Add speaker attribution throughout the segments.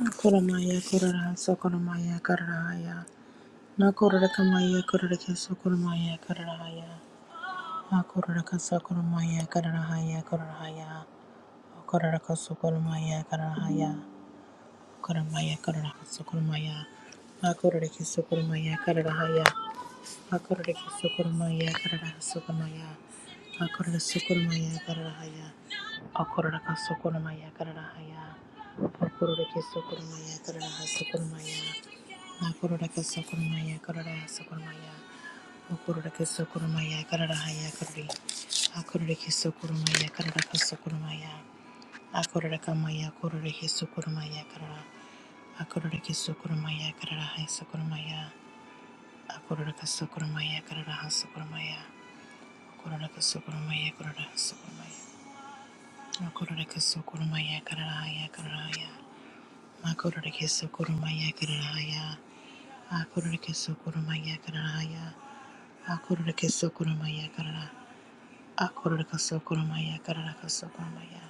Speaker 1: Koromaya korara sokoromaya kararaya. Na korara kamaya korara ke sokoromaya kararaya. Na korara ka sokoromaya kararaya kararaya. Korara ka sokoromaya kararaya. Koromaya karara sokoromaya. Na korara ke sokoromaya kararaya. Akorere sukurumaya karara sukurumaya. Akorere sukurumaya karara haya. Akorere ka karara haya. Akorere ki karara ha sukurumaya. Akorere karara ha sukurumaya. Akorere karara haya karari. Akorere ki karara ka sukurumaya. Akorere ka maya karara. Akorere ki karara ha sukurumaya. Akororaka sokoromaya kararaha sokoromaya. Kororaka sokoromaya kararaha sokoromaya. Makororaka sokoromaya kararahaya kararahaya. Makororaka sokoromaya kararahaya. Akororaka sokoromaya kararahaya. Akororaka sokoromaya karara. Akororaka sokoromaya kararaka sokoromaya.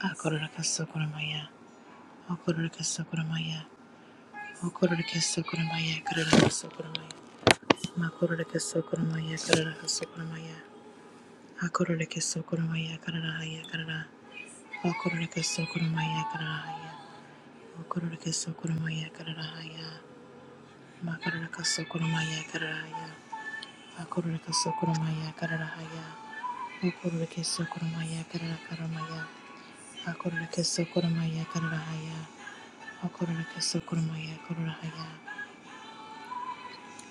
Speaker 1: Akororaka sokoromaya. Akororaka sokoromaya. Akororaka sokoromaya kararaha sokoromaya. Makororaka sokoromaya kararaha sokoromaya. Hakororeke sokoromaya kararahaya karara. Hakororeke sokoromaya kararahaya. Hakororeke sokoromaya kararahaya. Makaroreke sokoromaya kararahaya. Hakororeke sokoromaya kararahaya. Hakororeke sokoromaya kararakaromaya. Hakororeke sokoromaya kararahaya. Hakororeke sokoromaya kararahaya.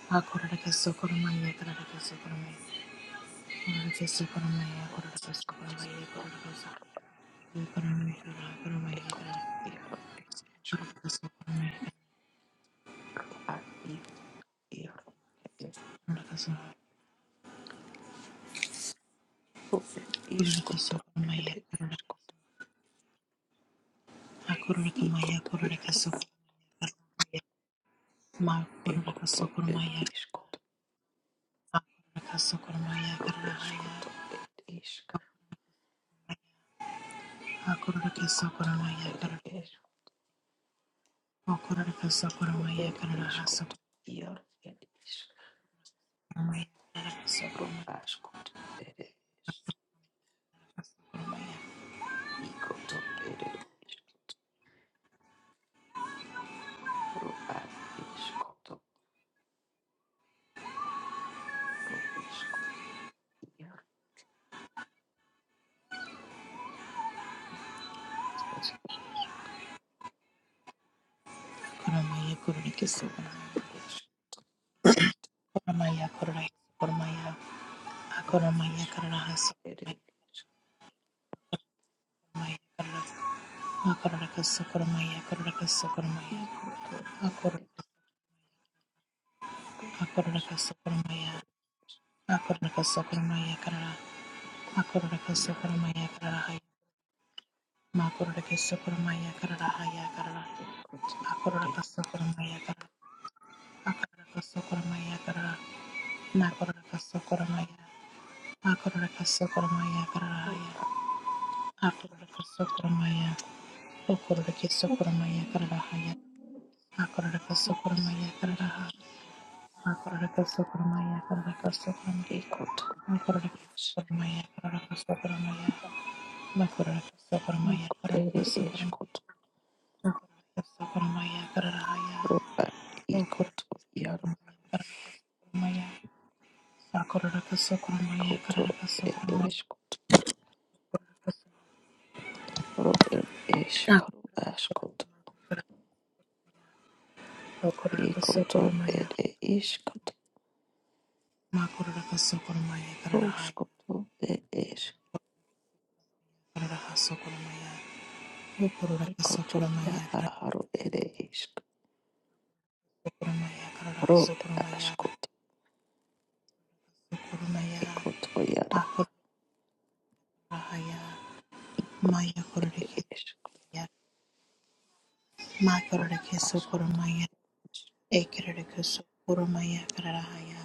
Speaker 1: Hakororeke sokoromaya kararaka sokoromaya. Hakororeke sokoromaya
Speaker 2: Ro ad
Speaker 1: kararaka sokoromaya kararaka sokoromaya.
Speaker 2: escoto,
Speaker 1: Kurumaya, Kurumaya, Kurumaya, Kurumaya, Kurumaya,
Speaker 2: ro iscoto, iar, ro ad Isko
Speaker 1: Kurumaya, Kurumaya, Akorakasokoromaya, Korakasokoromaya, Akorakas, Akorakasokoromaya, Akorakasokoromaya, Karara, Akorakasokoromaya, Kararahaya, Makorakasokoromaya, Kararahaya, Karara, Akorakasokoromaya, Karara, Akorakasokoromaya, Karara, Nakorakasokoromaya, Akorakasokoromaya, Kararahaya, Akorakasokoromaya, Okorakasokoromaya, Kararahaya, Akorakasokoromaya, Kararahaya, Akorakasokoromaya, Kararakasokoromaya, Makurahaya, Makurahaya, Makurahaya,
Speaker 2: ro ar er Ekotoyara,
Speaker 1: Makurahaya, Maya
Speaker 2: ikotoyere
Speaker 1: kororeke
Speaker 2: eskro,
Speaker 1: maya, ma kororeke sokoro
Speaker 2: askotos,
Speaker 1: maya, ekereke sokoro maya kararahaya,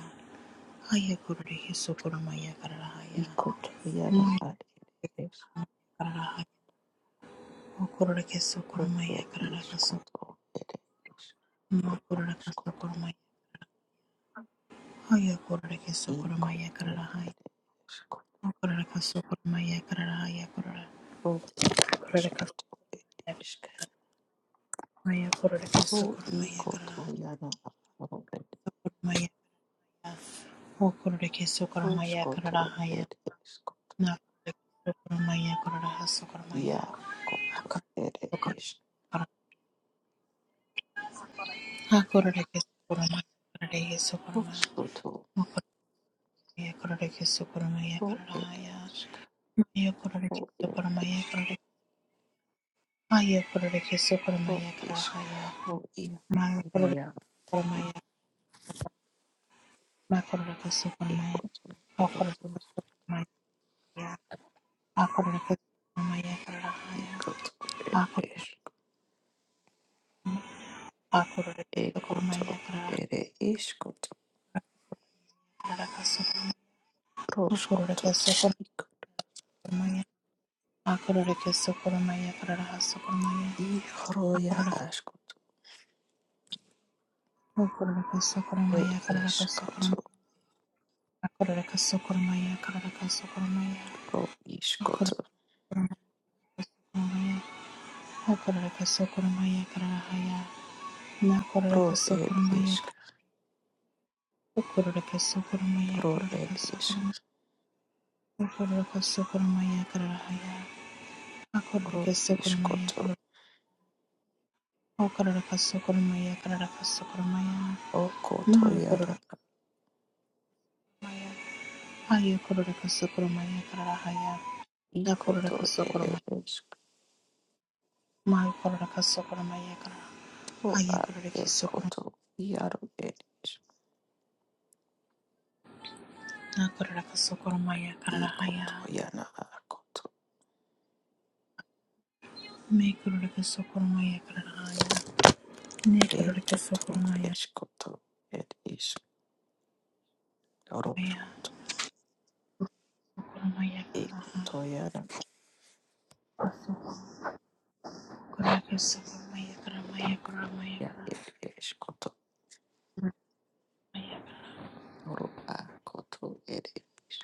Speaker 1: haya kororeke sokoro maya kararahaya,
Speaker 2: ikotoyara
Speaker 1: ma
Speaker 2: ad eskro,
Speaker 1: kararahaya, o kororeke sokoro maya
Speaker 2: ed
Speaker 1: kararaka so,
Speaker 2: iskoto, ed iskro,
Speaker 1: ma kororeka
Speaker 2: askoto,
Speaker 1: sokoro maya, haya kororeke sokoro maya
Speaker 2: ikoto,
Speaker 1: kararahaya,
Speaker 2: ed eskoto,
Speaker 1: o kororeka sokoro maya kararahaya korora,
Speaker 2: ed asko,
Speaker 1: kororeka
Speaker 2: ere ed
Speaker 1: so
Speaker 2: iskro,
Speaker 1: maya kororeke sokoro maya karara,
Speaker 2: ikotoyara aro, ed
Speaker 1: sokoro maya karara, o kororeke sokoro maya
Speaker 2: roskoto,
Speaker 1: kararahaya,
Speaker 2: ere eskoto,
Speaker 1: Nakororeke sokoromaya, kororahas sokoromaya,
Speaker 2: iakoto, ed
Speaker 1: akororeke sokoromaya, akororeke sokoromaya,
Speaker 2: iskroskoto,
Speaker 1: mokoromaya, kororeke sokoromaya,
Speaker 2: ro, ed
Speaker 1: kororahaya,
Speaker 2: iskro,
Speaker 1: maya kororeke sokoromaya,
Speaker 2: ed
Speaker 1: kororeke- maya kororeke
Speaker 2: ro
Speaker 1: sokoromaya,
Speaker 2: ish
Speaker 1: kororahaya,
Speaker 2: ro i
Speaker 1: maya kororeke
Speaker 2: ya
Speaker 1: sokoromaya, makororeke
Speaker 2: iko
Speaker 1: sokoromaya,
Speaker 2: to ere
Speaker 1: akororeke sokoromaya,
Speaker 2: to
Speaker 1: akororeke sokoromaya,
Speaker 2: iko
Speaker 1: kororahaya,
Speaker 2: to ere ish
Speaker 1: akororeke
Speaker 2: iko
Speaker 1: sokoromaya,
Speaker 2: to ere ish to
Speaker 1: kororeke sokoromaya,
Speaker 2: rosh ko to
Speaker 1: akororeke sokoromaya,
Speaker 2: iko
Speaker 1: Akorora keso koromaya karara haso koromaya.
Speaker 2: i ro ya
Speaker 1: Akorora
Speaker 2: ash ko to
Speaker 1: akorora keso
Speaker 2: ere
Speaker 1: koromaya karara
Speaker 2: ish
Speaker 1: keso
Speaker 2: ko
Speaker 1: koromaya.
Speaker 2: to
Speaker 1: Akorora keso koromaya karara keso koromaya.
Speaker 2: ro ish ko
Speaker 1: Akorora
Speaker 2: to
Speaker 1: koromaya keso koromaya. Akorora keso koromaya karara haya. Na korora
Speaker 2: ro
Speaker 1: keso
Speaker 2: ere
Speaker 1: koromaya.
Speaker 2: ish
Speaker 1: Akorora keso koromaya
Speaker 2: ro
Speaker 1: karara
Speaker 2: ere ish ro ish ko to o ko to ya ra
Speaker 1: Haya korora kasokoro maya karara haya. Ya
Speaker 2: iko
Speaker 1: korora
Speaker 2: to
Speaker 1: kasokoro
Speaker 2: ere
Speaker 1: maya.
Speaker 2: ish
Speaker 1: Maya korora kasokoro maya karara.
Speaker 2: ro
Speaker 1: Haya
Speaker 2: a
Speaker 1: korora
Speaker 2: e ko
Speaker 1: kisokoro.
Speaker 2: to i ro ere ish
Speaker 1: Ya korora kasokoro maya karara
Speaker 2: iko to
Speaker 1: haya.
Speaker 2: ya na
Speaker 1: Me korora kasokoro maya karara haya. Ne korora kasokoro
Speaker 2: Ekoto
Speaker 1: maya
Speaker 2: eskoto et is
Speaker 1: maya.
Speaker 2: oroskoto
Speaker 1: Sokoro maya karara haya.
Speaker 2: ekoto yara
Speaker 1: Kasokoro korora kasokoro maya karara maya korora maya karara maya
Speaker 2: ekya
Speaker 1: karara.
Speaker 2: et eskoto oro akoto et is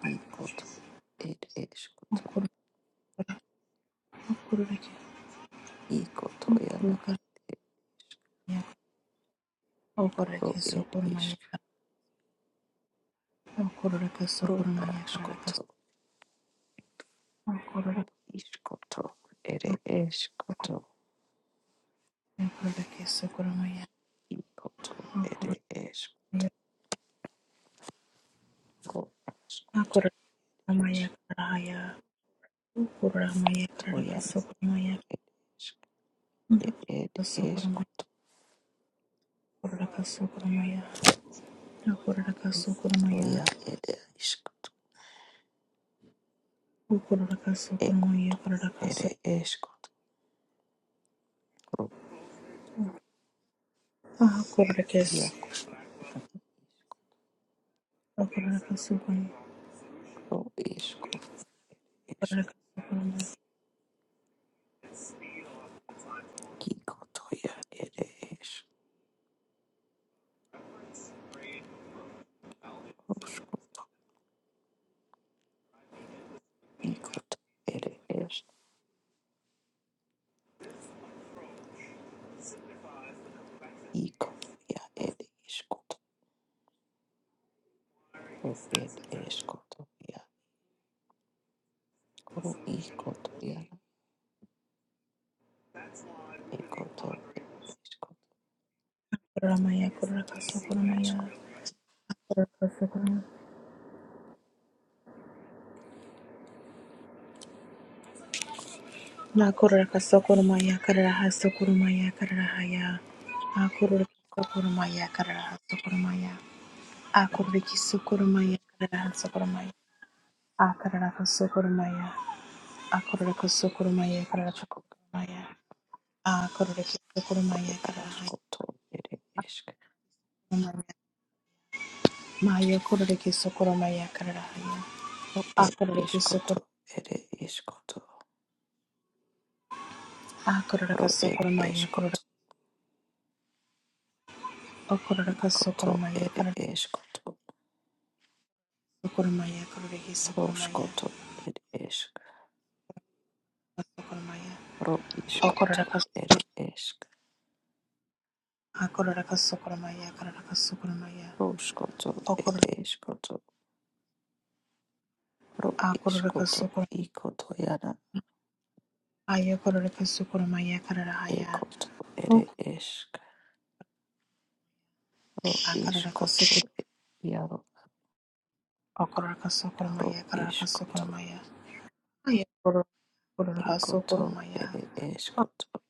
Speaker 2: ikoto et eskoto
Speaker 1: Okorora okorora ki
Speaker 2: ikoto yana
Speaker 1: okorora maya okorora
Speaker 2: ro et
Speaker 1: kisokoro
Speaker 2: is
Speaker 1: maya karara. Okorora
Speaker 2: ro
Speaker 1: kasokoro maya karara
Speaker 2: askoto
Speaker 1: Okorora
Speaker 2: ro iskoto et eskoto
Speaker 1: okorora kese okoramaya
Speaker 2: ikoto et
Speaker 1: okoramaya
Speaker 2: es ro
Speaker 1: okoramaya
Speaker 2: askoto
Speaker 1: karaya okoramaya karara kase
Speaker 2: yana
Speaker 1: okoramaya
Speaker 2: et is et
Speaker 1: kase okoramaya
Speaker 2: eskoto
Speaker 1: okorora kase okoramaya okorora kase okoramaya
Speaker 2: toya et is
Speaker 1: okorora kase
Speaker 2: Ecco,
Speaker 1: okoramaya okorora kase
Speaker 2: ere esco, ro,
Speaker 1: okorora kese
Speaker 2: iaco,
Speaker 1: okorora kase okoramaya
Speaker 2: ro, esco, es,
Speaker 1: okorora kase okoramaya
Speaker 2: icoto, ia, ere es, roscoto, icoto, ere es, icoto, ia, ere escoto, ro, ere escoto, ia, ro, icoto, ia, ere escoto,
Speaker 1: okoramaya okorora kase okoramaya
Speaker 2: asco,
Speaker 1: okorora kase okoramaya Makurura kasokurumaya kararaha sokurumaya kararahaya. Akurura kasokurumaya kararaha sokurumaya. Akurura
Speaker 2: erico,
Speaker 1: kisukurumaya kararaha sokurumaya. Akarara kasokurumaya. Akurura kasokurumaya kararaha
Speaker 2: isco,
Speaker 1: sokurumaya. Akurura kisukurumaya kararaha
Speaker 2: ascoto, ere esc,
Speaker 1: sokurumaya. Maya kurura kisukurumaya kararahaya.
Speaker 2: ere
Speaker 1: Akurura kisukur
Speaker 2: escoto, ere escoto,
Speaker 1: Akurura
Speaker 2: ro, ere
Speaker 1: kasokurumaya kurura.
Speaker 2: escoto,
Speaker 1: Akurura
Speaker 2: icoto,
Speaker 1: kasokurumaya
Speaker 2: ere
Speaker 1: kararaha
Speaker 2: escoto,
Speaker 1: sokurumaya kurura kisukurumaya.
Speaker 2: Roskoto ed esk,
Speaker 1: Sokurumaya.
Speaker 2: ro iskoto
Speaker 1: Okororakasu,
Speaker 2: ed esk,
Speaker 1: akororakasu, koromaya, kararakasu, koromaya.
Speaker 2: roskoto ed
Speaker 1: Okoror,
Speaker 2: eskoto, ro iskoto
Speaker 1: akororakasu, korom,
Speaker 2: ikoto yada,
Speaker 1: ayakororakasu, koromaya, kararahaya.
Speaker 2: ekoto
Speaker 1: Ok,
Speaker 2: ed esk, ro
Speaker 1: akararakasu,
Speaker 2: iskoto
Speaker 1: kor-
Speaker 2: yaro,
Speaker 1: okororakasu,
Speaker 2: ro
Speaker 1: koromaya, kararakasu,
Speaker 2: iskoto
Speaker 1: koromaya. Ayakoror, kororohasu,
Speaker 2: ikoto ed
Speaker 1: koromaya. Ok,
Speaker 2: eskoto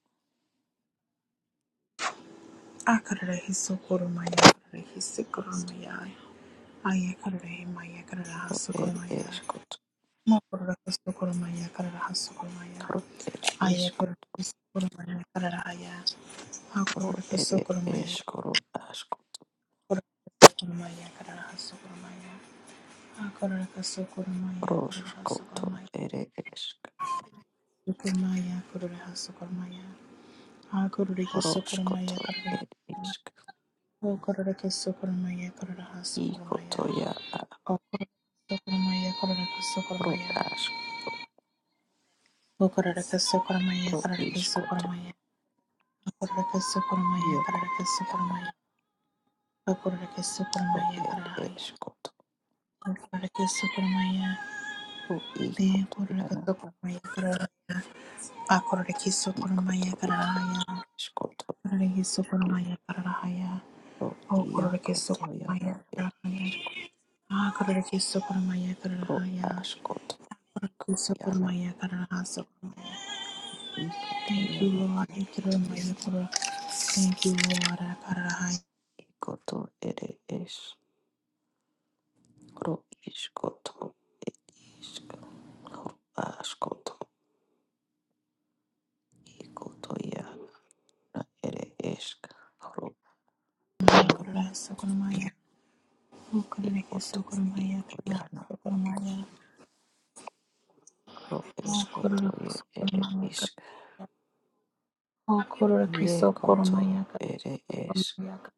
Speaker 1: akararahisu, koromaya, kararahisi, koromaya. Ayakororahimaya, kararahasu,
Speaker 2: ed
Speaker 1: koromaya.
Speaker 2: eskoto,
Speaker 1: Mokororakasu, koromaya, kararahasu, koromaya.
Speaker 2: ro iskoto
Speaker 1: Ayakororakasu, koromaya, kararahaya.
Speaker 2: ro
Speaker 1: Hakororka
Speaker 2: ed
Speaker 1: sokoromaya,
Speaker 2: eskoro asko,
Speaker 1: kororka sokoromaya, kararaha sokoromaya. Hakororka sokoromaya, kororha
Speaker 2: roskoto
Speaker 1: sokoromaya.
Speaker 2: ed esk,
Speaker 1: Sokoromaya, kororha sokoromaya. Hakororki sokoromaya,
Speaker 2: roskoto
Speaker 1: kararaha.
Speaker 2: ed isk,
Speaker 1: Okororka sokoromaya, kararaha sokoromaya.
Speaker 2: ikoto yada.
Speaker 1: Okororka sokoromaya, kororka
Speaker 2: ro
Speaker 1: sokoromaya.
Speaker 2: asko
Speaker 1: Okororka sokoromaya,
Speaker 2: ro
Speaker 1: kararka
Speaker 2: iskoto
Speaker 1: sokoromaya. Okororka sokoromaya, kararka
Speaker 2: iekoto yana
Speaker 1: sokoromaya. Okororka
Speaker 2: ro
Speaker 1: sokoromaya,
Speaker 2: ed
Speaker 1: kararahaya.
Speaker 2: eskoto
Speaker 1: Okororka sokoromaya.
Speaker 2: ro
Speaker 1: De
Speaker 2: ikoto
Speaker 1: korore
Speaker 2: yana
Speaker 1: kato koromaya kararaya. Akorore kiso
Speaker 2: ikoto
Speaker 1: koromaya
Speaker 2: ed
Speaker 1: kararaya.
Speaker 2: eskoto
Speaker 1: Korore kiso koromaya kararaya.
Speaker 2: ro
Speaker 1: O korore kiso
Speaker 2: iakoto
Speaker 1: koromaya
Speaker 2: yana ed
Speaker 1: kararaya.
Speaker 2: eskoto
Speaker 1: Akorore kiso koromaya
Speaker 2: ro
Speaker 1: kararaya.
Speaker 2: askoto
Speaker 1: Korore
Speaker 2: iko
Speaker 1: kiso
Speaker 2: yana
Speaker 1: koromaya kararasa koromaya.
Speaker 2: ikoto
Speaker 1: Thank you,
Speaker 2: yana
Speaker 1: Lord. Ikiromaya korore. Thank you, Lord. Akararaya.
Speaker 2: ikoto ed es ro iskoto isk ro askoto ikoto yana ed esk ro iaro
Speaker 1: Akararasa koromaya. O korore kiso
Speaker 2: ikoto
Speaker 1: koromaya
Speaker 2: iko
Speaker 1: kararasa
Speaker 2: yana,
Speaker 1: koromaya.
Speaker 2: Ro
Speaker 1: O
Speaker 2: escoto
Speaker 1: korore
Speaker 2: e
Speaker 1: kiso
Speaker 2: ere
Speaker 1: koromaya
Speaker 2: isk
Speaker 1: Okororeke
Speaker 2: Ie koto
Speaker 1: sokormayaka
Speaker 2: ere es.
Speaker 1: sokormayaka.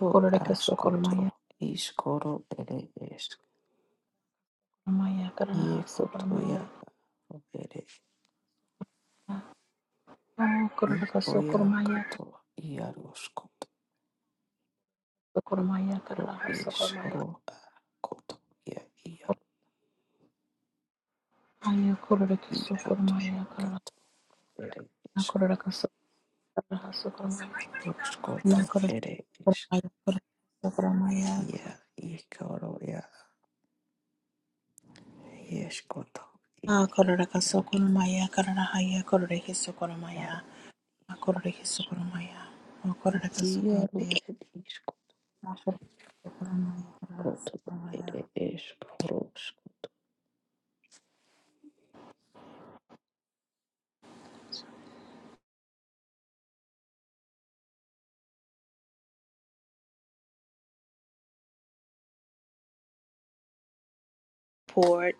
Speaker 2: Ro
Speaker 1: sokormayaka
Speaker 2: askoto iskoro ere es.
Speaker 1: sokormayaka raha
Speaker 2: Ie koto ia
Speaker 1: sokormayaka.
Speaker 2: ro ere.
Speaker 1: Okororeke
Speaker 2: Ico ia
Speaker 1: sokormayaka
Speaker 2: koto ia ro
Speaker 1: sokormayaka
Speaker 2: Ro
Speaker 1: raha
Speaker 2: iskoro
Speaker 1: sokormayaka.
Speaker 2: a koto ia ia.
Speaker 1: Ayokororeke
Speaker 2: I koto
Speaker 1: sokormayaka raha.
Speaker 2: kato ere isk
Speaker 1: Nakororeke sokormayaka raha sokormayaka.
Speaker 2: Ro scoto
Speaker 1: Nakororeke
Speaker 2: ere es.
Speaker 1: sokormayaka sokormayaka.
Speaker 2: Ia icaro ia. Ie scoto.
Speaker 1: Akororeke
Speaker 2: Ia
Speaker 1: sokormayaka raha yakororeke sokormayaka. Akororeke sokormayaka. Okororeke
Speaker 2: ia. ro
Speaker 1: sokormayaka.
Speaker 2: ere isk
Speaker 1: Nakororeke sokormayaka raha sokormayaka. poured.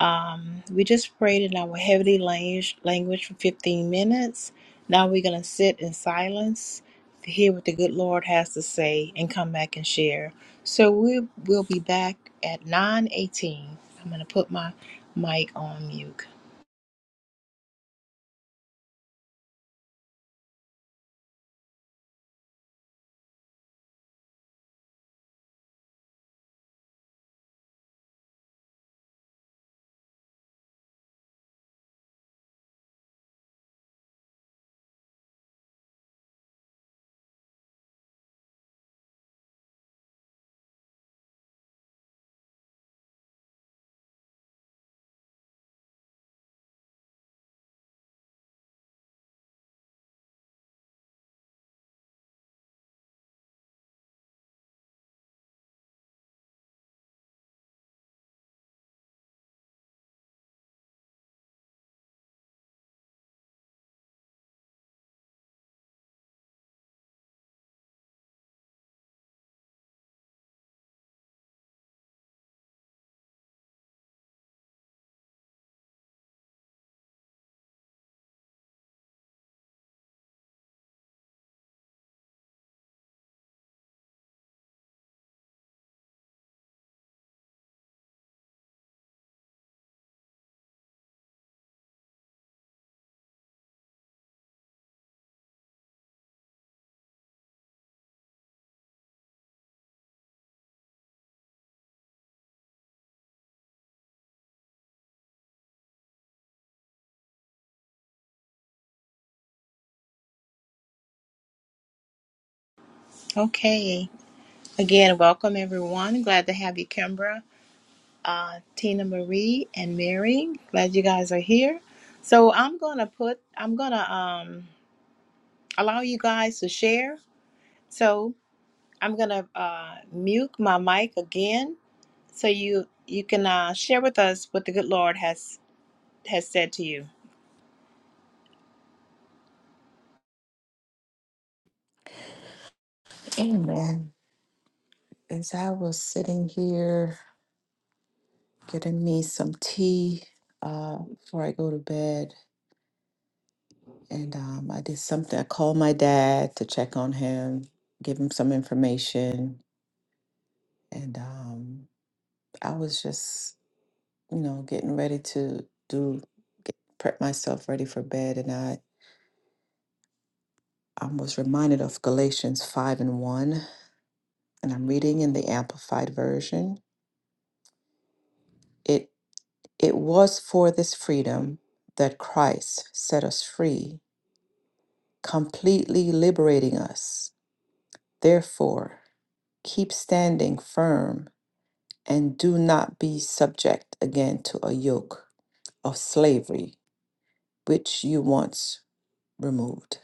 Speaker 1: Um, we just prayed in our heavenly language, language for 15 minutes. Now we're going to sit in silence to hear what the good Lord has to say and come back and share. So we will be back at 9:18. I'm going to put my mic on mute. Okay. Again, welcome everyone. Glad to have you, Kimbra, uh, Tina Marie, and Mary. Glad you guys are here. So I'm gonna put. I'm gonna um allow you guys to share So I'm gonna uh, mute my mic again, so you you can uh, share with us what the good Lord has has said to you.
Speaker 2: Amen. As I was sitting here getting me some tea uh, before I go to bed, and um, I did something, I called my dad to check on him, give him some information, and um, I was just, you know, getting ready to do, get, prep myself ready for bed, and I, I was reminded of Galatians 5 and 1, and I'm reading in the Amplified Version. it. It was for this freedom that Christ set us free, completely liberating us. Therefore, keep standing firm and do not be subject again to a yoke of slavery which you once removed.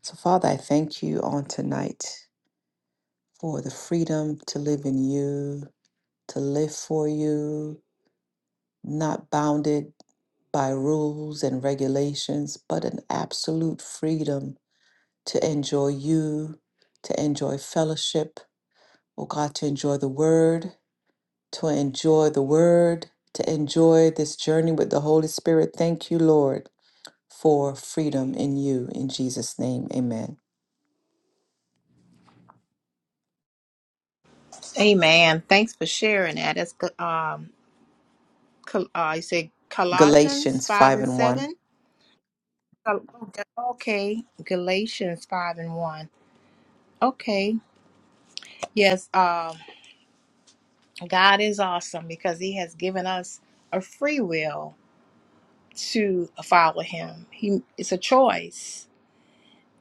Speaker 2: So, Father, I thank you on tonight for the freedom to live in you, to live for you, not bounded by rules and regulations, but an absolute freedom to enjoy you, to enjoy fellowship, oh God, to enjoy the word, to enjoy the word, to enjoy this journey with the Holy Spirit. Thank you, Lord, for freedom in you. In Jesus' name, amen.
Speaker 1: Amen. Thanks for sharing that. That's good. Um, Col- uh, you said Colossians
Speaker 2: Galatians
Speaker 1: five
Speaker 2: 5
Speaker 1: and
Speaker 2: and 1.
Speaker 1: seven. Col- Okay, Galatians five and one. Okay, yes. Um, God is awesome because He has given us a free will to follow Him. He it's a choice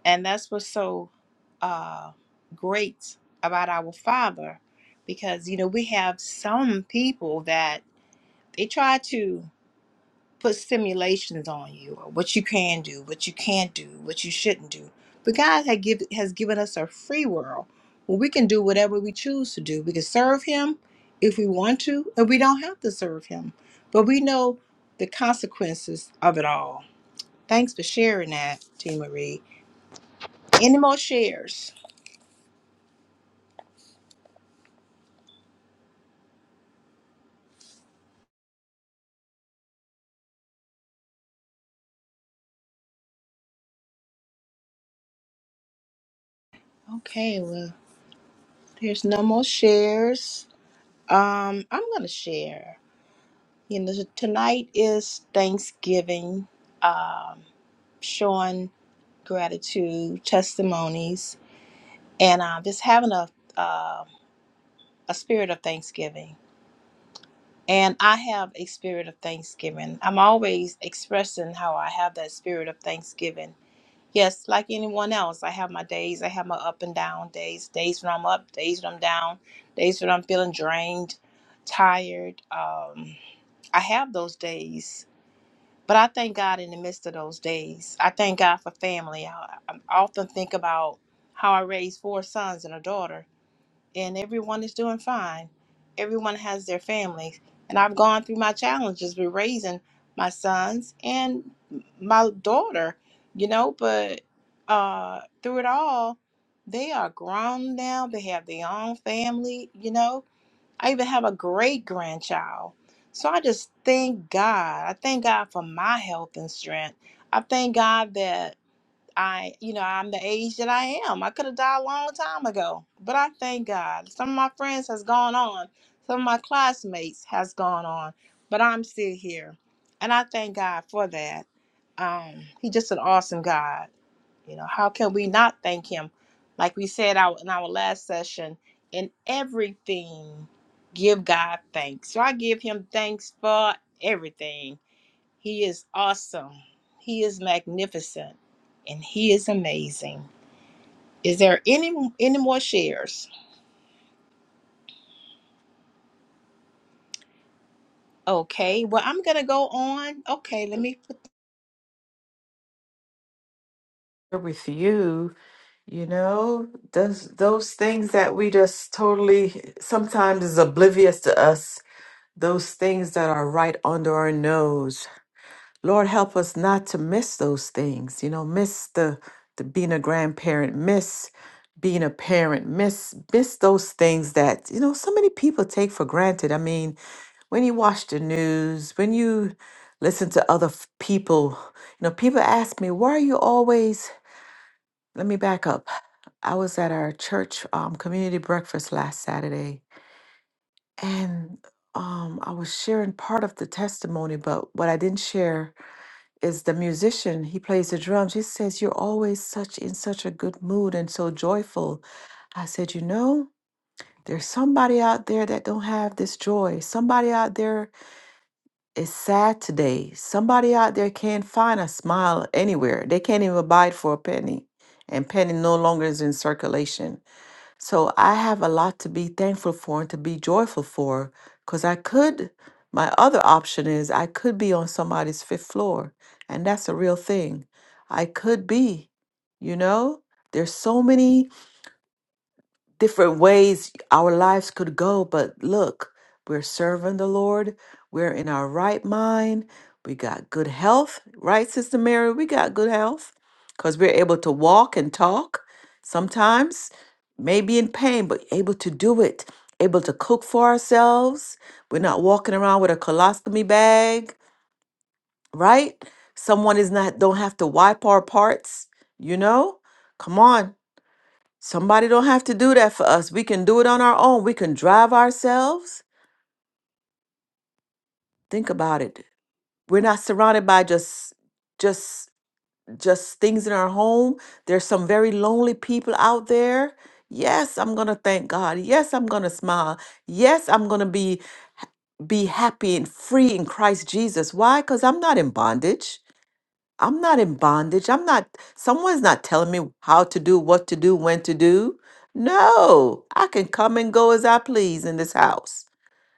Speaker 1: And that's what's so uh, great about our Father, because, you know, we have some people that they try to put simulations on you or what you can do, what you can't do, what you shouldn't do. But God had give, has given us a free world where we can do whatever we choose to do. We can serve Him if we want to, and we don't have to serve Him. But we know the consequences of it all. Thanks for sharing that, T. Marie. Any more shares? Okay, well, there's no more shares. Um, I'm gonna share. You know, tonight is Thanksgiving, showing gratitude, testimonies, and uh, just having a uh, a spirit of Thanksgiving. And I have a spirit of Thanksgiving. I'm always expressing how I have that spirit of Thanksgiving Yes, like anyone else, I have my days. I have my up and down days. Days when I'm up, days when I'm down, days when I'm feeling drained, tired. Um, I have those days, but I thank God in the midst of those days. I thank God for family. I, I often think about how I raised four sons and a daughter and everyone is doing fine. Everyone has their families. And I've gone through my challenges with raising my sons and my daughter, you know, but uh, through it all, they are grown now. They have their own family, you know. I even have a great grandchild. So I just thank God. I thank God for my health and strength. I thank God that I, you know, I'm the age that I am. I could have died a long time ago, but I thank God. Some of my friends has gone on, some of my classmates has gone on, but I'm still here, and I thank God for that. Um, he's just an awesome God. You know, how can we not thank Him? Like we said out in our last session, in everything, give God thanks. So I give Him thanks for everything he is awesome. He is magnificent. And he is amazing. Is there any any more shares? Okay. Well, I'm going to go on. Okay, let me put
Speaker 2: With you, you know, those, those things that we just totally sometimes is oblivious to us, those things that are right under our nose Lord, help us not to miss those things, you know, miss the, the being a grandparent, miss being a parent, miss miss those things that, you know, so many people take for granted. I mean, when you watch the news, when you listen to other f- people, you know, people ask me, why are you always let me back up. I was at our church um, community breakfast last Saturday, and um, I was sharing part of the testimony, but what I didn't share is the musician. He plays the drums. He says, You're always such in such a good mood and so joyful. I said, You know, there's somebody out there that don't have this joy. Somebody out there is sad today. Somebody out there can't find a smile anywhere. They can't even buy it for a penny. And penny no longer is in circulation. So I have a lot to be thankful for and to be joyful for because I could, my other option is I could be on somebody's fifth floor, and that's a real thing. I could be, you know? There's so many different ways our lives could go, but look, we're serving the Lord. We're in our right mind. We got good health, right, Sister Mary? We got good health because we're able to walk and talk sometimes, maybe in pain, but able to do it, able to cook for ourselves. We're not walking around with a colostomy bag, right? Someone is not, don't have to wipe our parts, you know? Come on. Somebody don't have to do that for us. We can do it on our own. We can drive ourselves. Think about it. We're not surrounded by just just just things in our home. There's some very lonely people out there. Yes, I'm going to thank God. Yes, I'm going to smile. Yes, I'm going to be be happy and free in Christ Jesus. Why? Cuz I'm not in bondage. I'm not in bondage. I'm not, someone's not telling me how to do, what to do, when to do. No, I can come and go as I please in this house.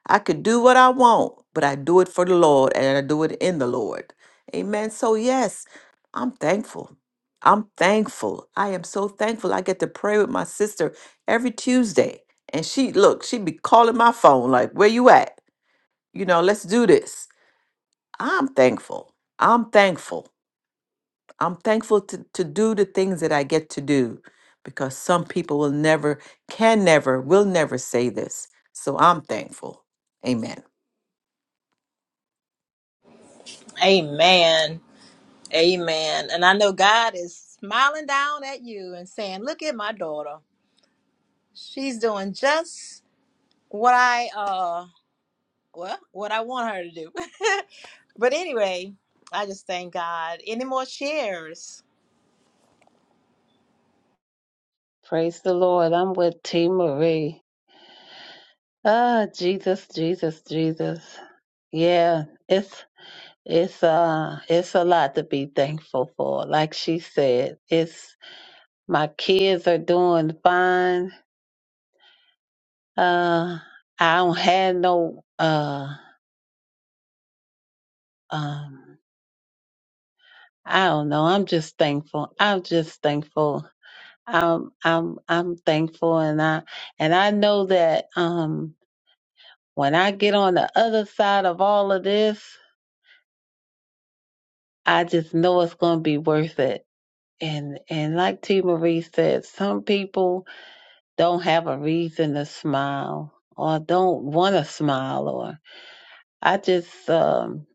Speaker 2: I could do what I want, but I do it for the Lord and I do it in the Lord. Amen. So, yes, I'm thankful. I'm thankful. I am so thankful. I get to pray with my sister every Tuesday. And she, look, she be calling my phone, like, where you at? You know, let's do this. I'm thankful. I'm thankful. I'm thankful to, to do the things that I get to do because some people will never, can never, will never say this. So I'm thankful. Amen.
Speaker 1: Amen. Amen. And I know God is smiling down at you and saying, "Look at my daughter. She's doing just what I uh well, what I want her to do." but anyway, I just thank God. Any more shares?
Speaker 3: Praise the Lord. I'm with T. Marie. Ah, Jesus, Jesus, Jesus. Yeah, it's it's uh it's a lot to be thankful for. Like she said, it's my kids are doing fine. Uh, I don't have no uh um I don't know. I'm just thankful. I'm just thankful. I'm I'm I'm thankful, and I and I know that um when I get on the other side of all of this. I just know it's going to be worth it. And and like T. Marie said, some people don't have a reason to smile or don't want to smile. Or I just um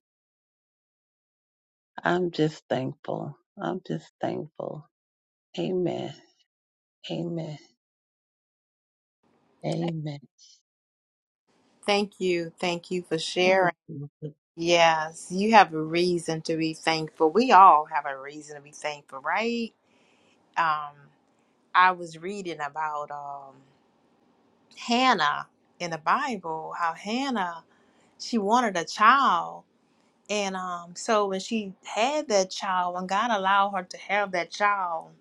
Speaker 3: I'm just thankful. I'm just thankful. Amen. Amen. Amen.
Speaker 1: Thank you. Thank you for sharing.
Speaker 3: Thank you.
Speaker 1: Yes, you have a reason to be thankful. We all have a reason to be thankful, right? Um, I was reading about um, Hannah in the Bible, how Hannah she wanted a child, and um, so when she had that child, when God allowed her to have that child,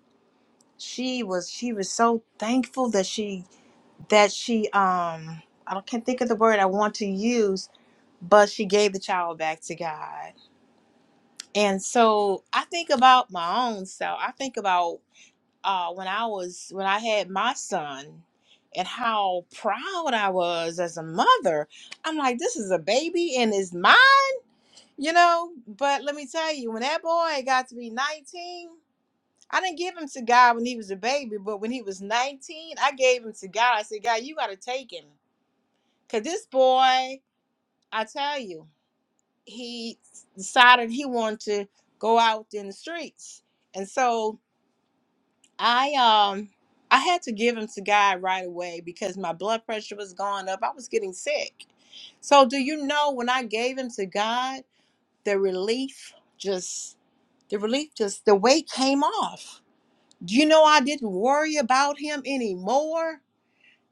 Speaker 1: she was she was so thankful that she that she um I don't- can't think of the word I want to use, but she gave the child back to God And so I think about my own self. I think about uh, when I was when I had my son and how proud I was as a mother. I'm like, this is a baby and it's mine, you know. But let me tell you, when that boy got to be 19, I didn't give him to God when he was a baby, but when he was 19, I gave him to God. I said, God, you got to take him. Because this boy, I tell you, he decided he wanted to go out in the streets. And so I um I had to give him to God right away because my blood pressure was going up. I was getting sick. So do you know when I gave him to God, the relief just the relief just the weight came off. Do you know I didn't worry about him anymore?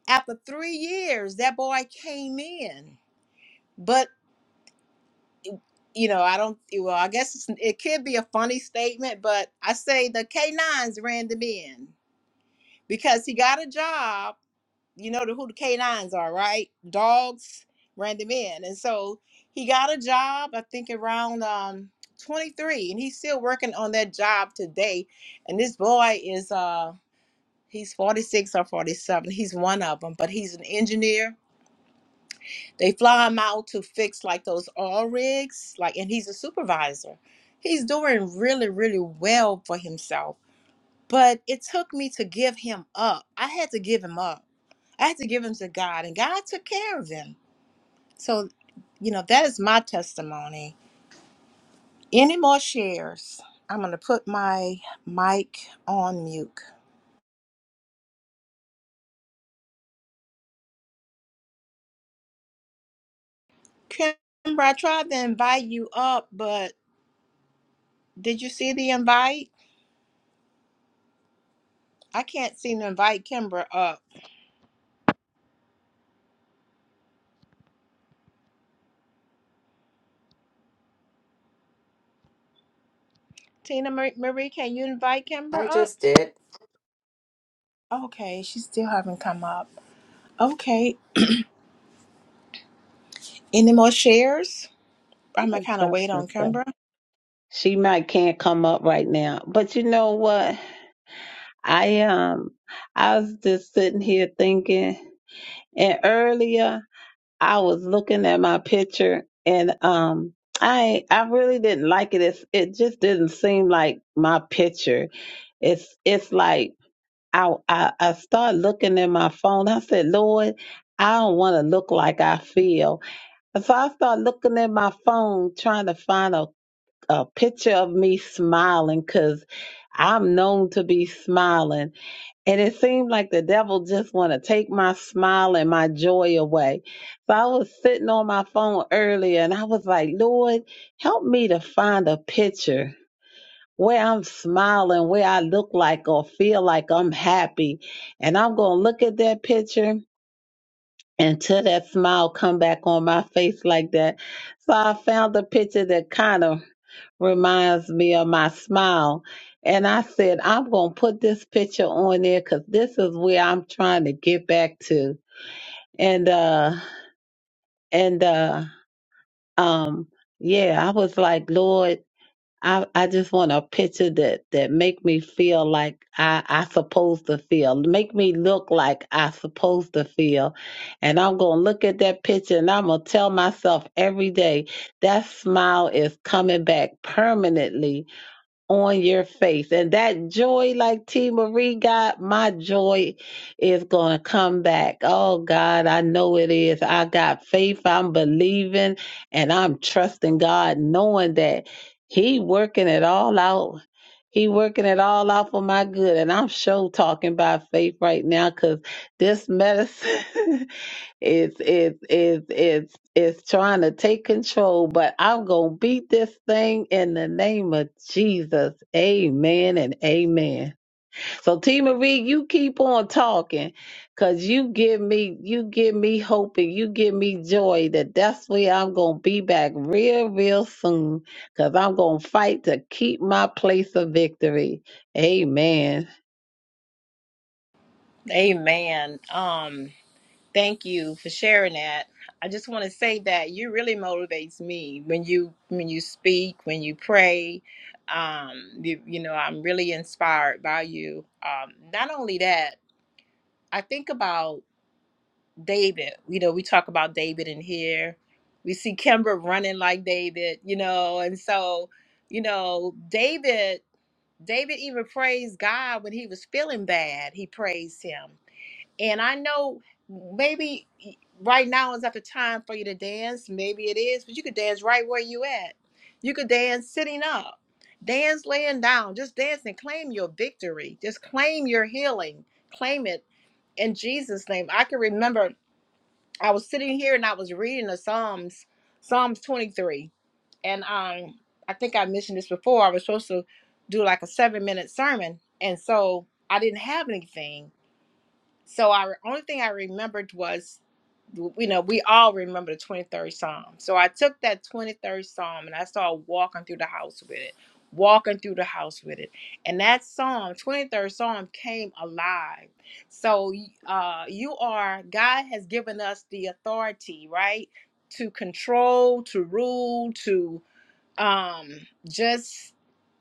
Speaker 1: After 3 years that boy came in. But you know, I don't well, I guess it's, it could be a funny statement, but I say the K9s ran them in because he got a job you know the, who the canines are, right? Dogs ran them in, and so he got a job. I think around um 23, and he's still working on that job today. And this boy is uh he's 46 or 47. He's one of them, but he's an engineer. They fly him out to fix like those oil rigs, like, and he's a supervisor. He's doing really, really well for himself. But it took me to give him up. I had to give him up I had to give him to God, and God took care of him. So, you know, that is my testimony. Any more shares? I'm going to put my mic on mute. Kimber, I tried to invite you up, but did you see the invite? I can't seem to invite Kimber up. Tina Mar- Marie, can you invite Kimber
Speaker 2: I
Speaker 1: up?
Speaker 2: just did.
Speaker 1: Okay, she still haven't come up. Okay, any more shares? I'm gonna kind of wait
Speaker 3: to
Speaker 1: on
Speaker 3: say?
Speaker 1: Kimber.
Speaker 3: She might can't come up right now, but you know what? I um I was just sitting here thinking, and earlier I was looking at my picture and um I I really didn't like it. It's, it just didn't seem like my picture. It's it's like I I, I started looking at my phone. I said, Lord, I don't want to look like I feel. And so I started looking at my phone trying to find a, a picture of me smiling because I'm known to be smiling. And it seemed like the devil just want to take my smile and my joy away. So I was sitting on my phone earlier and I was like, Lord, help me to find a picture where I'm smiling, where I look like or feel like I'm happy. And I'm going to look at that picture until that smile come back on my face like that. So I found a picture that kind of reminds me of my smile. And I said, I'm going to put this picture on there because this is where I'm trying to get back to. And, uh, and, uh, um, yeah, I was like, Lord, I, I just want a picture that, that make me feel like I, I supposed to feel, make me look like I supposed to feel. And I'm going to look at that picture and I'm going to tell myself every day that smile is coming back permanently on your face. And that joy, like T. Marie got, my joy is going to come back. Oh, God, I know it is. I got faith. I'm believing and I'm trusting God, knowing that He working it all out. He working it all out for my good. And I'm sure talking by faith right now because this medicine is is is is is trying to take control, but I'm gonna beat this thing in the name of Jesus. Amen and amen. So T Marie, you keep on talking because you give me you give me hope and you give me joy that that's where I'm gonna be back real, real soon because I'm gonna fight to keep my place of victory. Amen.
Speaker 1: Amen. Um, Thank you for sharing that. I just want to say that you really motivates me when you when you speak, when you pray. Um, you, you know, I'm really inspired by you. Um, not only that, I think about David. You know, we talk about David in here. We see Kimber running like David. You know, and so you know, David. David even praised God when he was feeling bad. He praised Him and I know maybe right now is not the time for you to dance. Maybe it is, but you could dance right where you at. You could dance sitting up, dance laying down, just dance and claim your victory. Just claim your healing. Claim it in Jesus' name. I can remember I was sitting here and I was reading the Psalms, Psalms 23. And um, I think I mentioned this before. I was supposed to do like a seven minute sermon. And so I didn't have anything so our only thing I remembered was, you know, we all remember the 23rd Psalm. So I took that 23rd Psalm and I started walking through the house with it, walking through the house with it. And that Psalm, 23rd Psalm, came alive. So uh, you are, God has given us the authority, right? To control, to rule, to um just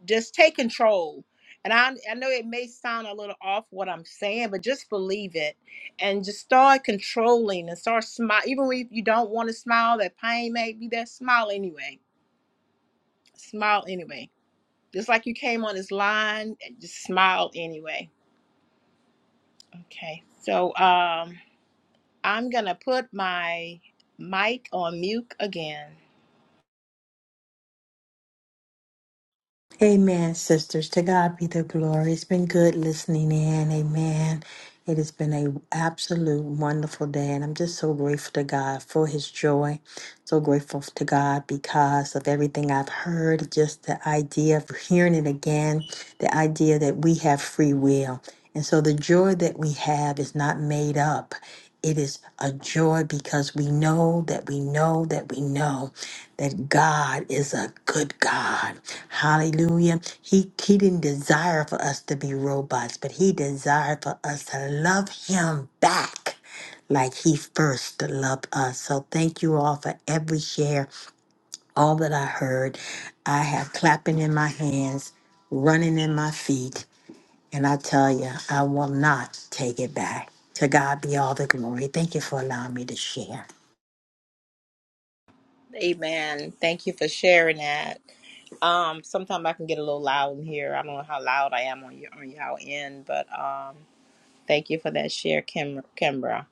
Speaker 1: just take control and I, I know it may sound a little off what i'm saying but just believe it and just start controlling and start smile even if you don't want to smile that pain may be there smile anyway smile anyway just like you came on this line eh, just smile anyway okay so um i'm gonna put my mic on mute again
Speaker 4: Amen, sisters. To God be the glory. It's been good listening in. Amen. It has been a absolute wonderful day, and I'm just so grateful to God for His joy. So grateful to God because of everything I've heard, just the idea of hearing it again, the idea that we have free will. And so the joy that we have is not made up. It is a joy because we know that we know that we know that God is a good God. Hallelujah. He, he didn't desire for us to be robots, but He desired for us to love Him back like he first loved us. So thank you all for every share, all that I heard. I have clapping in my hands, running in my feet, and I tell you, I will not take it back. To God be all the glory. Thank you for allowing me to share.
Speaker 1: amen thank you for sharing that Um, sometimes I can get a little loud in here. I don't know how loud I am on your on your end, but um, thank you for that share, Kim, Kimbra.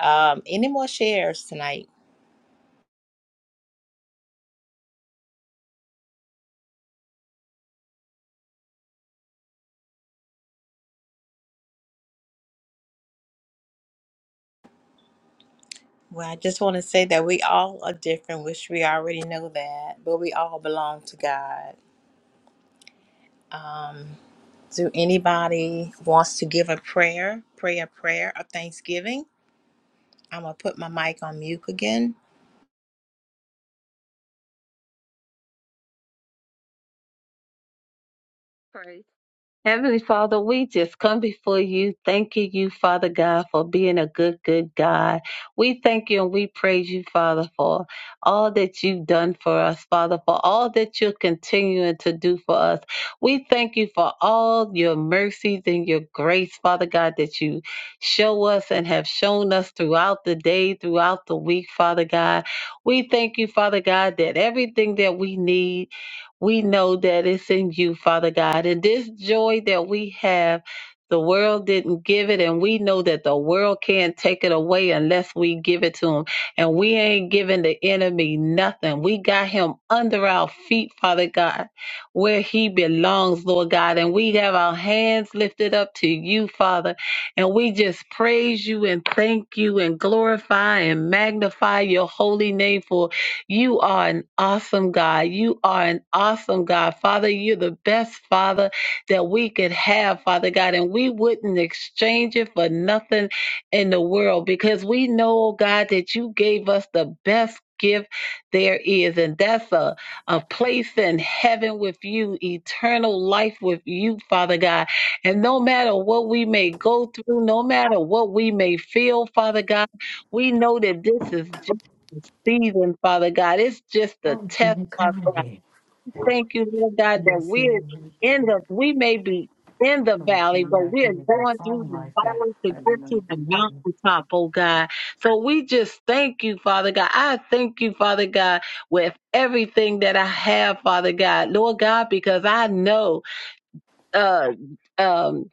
Speaker 1: Um, any more shares tonight? Well, I just want to say that we all are different, which we already know that, but we all belong to God. Um, do anybody wants to give a prayer, pray a prayer of thanksgiving? I'm gonna put my mic on mute again.
Speaker 3: Heavenly Father, we just come before you, thanking you, Father God, for being a good, good God. We thank you and we praise you, Father, for all that you've done for us, Father, for all that you're continuing to do for us. We thank you for all your mercies and your grace, Father God, that you show us and have shown us throughout the day, throughout the week, Father God. We thank you, Father God, that everything that we need. We know that it's in you, Father God. And this joy that we have, the world didn't give it, and we know that the world can't take it away unless we give it to them. And we ain't giving the enemy nothing. We got him under our feet, Father God, where he belongs, Lord God. And we have our hands lifted up to you, Father. And we just praise you and thank you and glorify and magnify your holy name for you are an awesome God. You are an awesome God. Father, you're the best Father that we could have, Father God, and we wouldn't exchange it for nothing in the world because we know, oh God, that you gave us the best gift there is, and that's a, a place in heaven with you, eternal life with you, Father God. And no matter what we may go through, no matter what we may feel, Father God, we know that this is. Jesus season, Father God. It's just
Speaker 4: I
Speaker 3: a
Speaker 4: didn't see
Speaker 3: test,
Speaker 4: you
Speaker 3: Father
Speaker 4: coming
Speaker 3: God.
Speaker 4: here.
Speaker 3: Thank you, Lord
Speaker 4: I
Speaker 3: God, that
Speaker 4: didn't see
Speaker 3: we're
Speaker 4: you
Speaker 3: in the, we may be in the valley,
Speaker 4: coming
Speaker 3: but
Speaker 4: back
Speaker 3: we are
Speaker 4: here with that
Speaker 3: going through
Speaker 4: song
Speaker 3: the
Speaker 4: like that.
Speaker 3: valley
Speaker 4: I
Speaker 3: to get to
Speaker 4: remember
Speaker 3: the
Speaker 4: them.
Speaker 3: mountaintop, oh God. So we just thank you, Father God. I thank you, Father God, with everything that I have, Father God, Lord God, because I know, uh, um,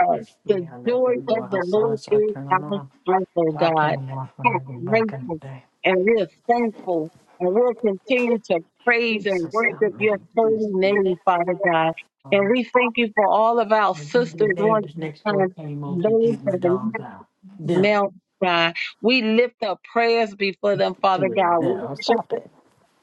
Speaker 3: uh, the
Speaker 4: Yeah, I let
Speaker 3: joy
Speaker 4: them go
Speaker 3: of the Lord
Speaker 4: outside, so I
Speaker 3: is
Speaker 4: turn them
Speaker 3: our
Speaker 4: off.
Speaker 3: strength, oh
Speaker 4: I'll turn
Speaker 3: God.
Speaker 4: them off when
Speaker 3: We're
Speaker 4: I go back in
Speaker 3: grateful
Speaker 4: the day.
Speaker 3: and we're thankful and we'll continue to praise and
Speaker 4: Jesus, help
Speaker 3: worship your
Speaker 4: me.
Speaker 3: holy name, Father God. And
Speaker 4: Um,
Speaker 3: we thank you for all of our
Speaker 4: the the
Speaker 3: sisters on
Speaker 4: neighbors
Speaker 3: the
Speaker 4: next door
Speaker 3: line,
Speaker 4: came over to
Speaker 3: those
Speaker 4: take
Speaker 3: that
Speaker 4: my dogs
Speaker 3: are
Speaker 4: out.
Speaker 3: not
Speaker 4: Them.
Speaker 3: now, God. We lift up prayers before them,
Speaker 4: It
Speaker 3: Father
Speaker 4: was
Speaker 3: God. We
Speaker 4: them.
Speaker 3: worship
Speaker 4: Stop it.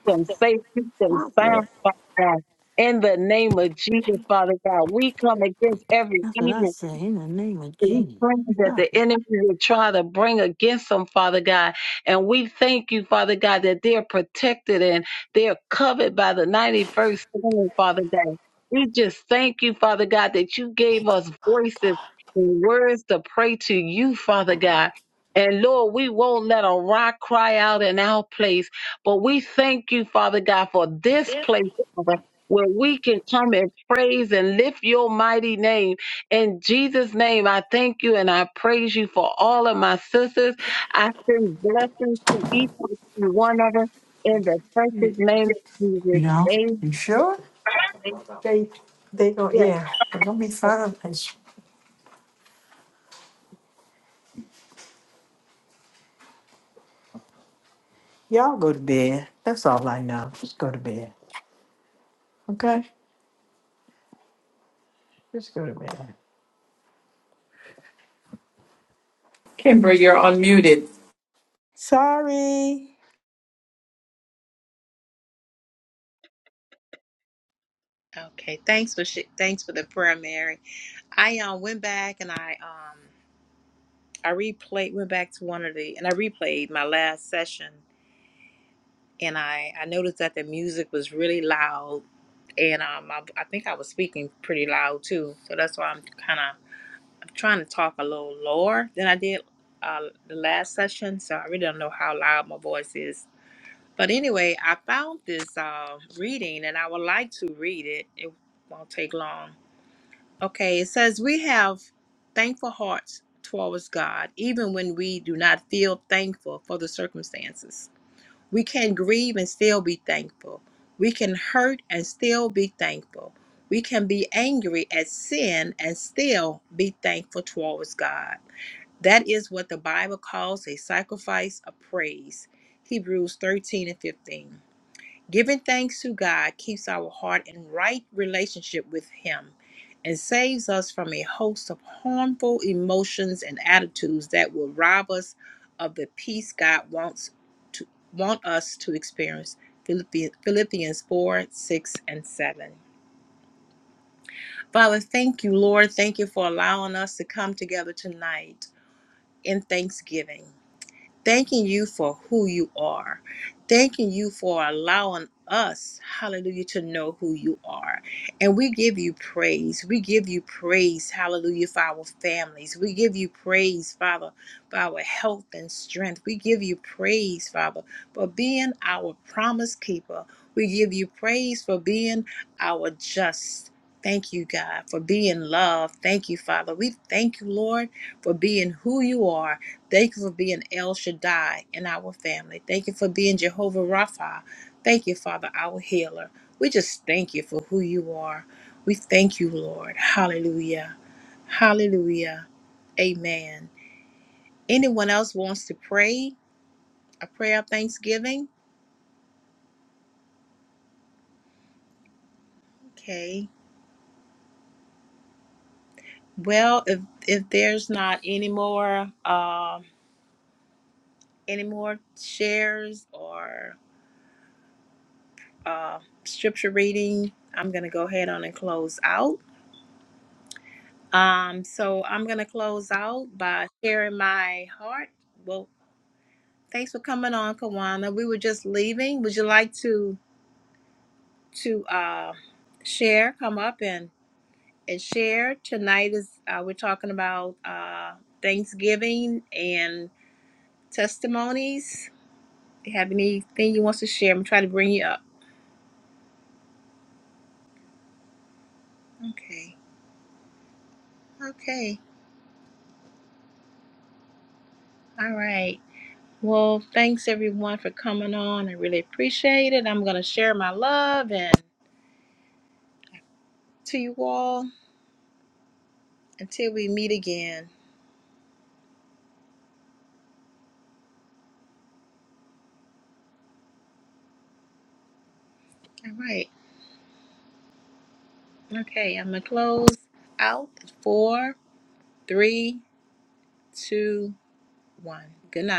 Speaker 3: them, safe, keep them
Speaker 4: Stop it.
Speaker 3: sound, Father God. In the name of Jesus, Father God, we come against every
Speaker 4: That's what I
Speaker 3: evil
Speaker 4: say in the name of
Speaker 3: the
Speaker 4: Jesus.
Speaker 3: friends that
Speaker 4: Stop
Speaker 3: the
Speaker 4: it.
Speaker 3: enemy will try to bring against them, Father God. And we thank you, Father God, that they're protected and they're covered by the 91st Psalm, Father God. We just thank you, Father God, that you gave us voices and words to pray to you, Father God. And Lord, we won't let a rock cry out in our place, but we thank you, Father God, for this place, Father, where we can come and praise and lift your mighty name. In Jesus' name, I thank you and I praise you for all of my sisters. I send blessings to each and every one of them in the precious name of
Speaker 4: You
Speaker 3: Jesus.
Speaker 4: know?
Speaker 3: Amen.
Speaker 4: You sure? They they go
Speaker 3: Yes,
Speaker 4: yeah, they're gonna be fine. And sh- Y'all go to bed. That's all I know. Just go to bed. Okay? Just go to bed.
Speaker 2: Amber, you're unmuted.
Speaker 4: Sorry.
Speaker 1: Okay, thanks for sh- thanks for the prayer, Mary. I um, went back and I um, I replayed, went back to one of the, and I replayed my last session, and I I noticed that the music was really loud, and um I, I think I was speaking pretty loud too, so that's why I'm kind of I'm trying to talk a little lower than I did uh, the last session, so I really don't know how loud my voice is. But anyway, I found this uh, reading, and I would like to read it. It won't take long. Okay, it says we have thankful hearts towards God, even when we do not feel thankful for the circumstances. We can grieve and still be thankful. We can hurt and still be thankful. We can be angry at sin and still be thankful towards God. That is what the Bible calls a sacrifice of praise. Hebrews 13 and 15. Giving thanks to God keeps our heart in right relationship with Him and saves us from a host of harmful emotions and attitudes that will rob us of the peace God wants to want us to experience. Philippi- Philippians 4, 6, and 7. Father, thank you, Lord. Thank you for allowing us to come together tonight in thanksgiving thanking you for who you are, thanking you for allowing us, hallelujah, to know who you are. And we give you praise. We give you praise, hallelujah, for our families. We give you praise, Father, for our health and strength. We give you praise, Father, for being our promise keeper. We give you praise for being our just. Thank you, God, for being love. Thank you, Father. We thank you, Lord, for being who you are Thank you for being El Shaddai in our family. Thank you for being Jehovah Rapha. Thank you, Father, our healer. We just thank you for who you are. We thank you, Lord. Hallelujah. Hallelujah. Amen. Anyone else wants to pray a prayer of thanksgiving? Okay. Well, if if there's not any more um any more shares or uh, scripture reading, I'm gonna go ahead on and close out. Um, so I'm gonna close out by sharing my heart. Well, thanks for coming on, Kawana. We were just leaving. Would you like to to uh, share? Come up and and share. Tonight is uh, we're talking about uh, Thanksgiving and testimonies. Do you have anything you want to share? I'm trying to bring you up. Okay. Okay. All right. Well, thanks everyone for coming on. I really appreciate it. I'm gonna share my love and. to you all until we meet again. All right. Okay, I'm going to close out. Four, three, two, one. Good night.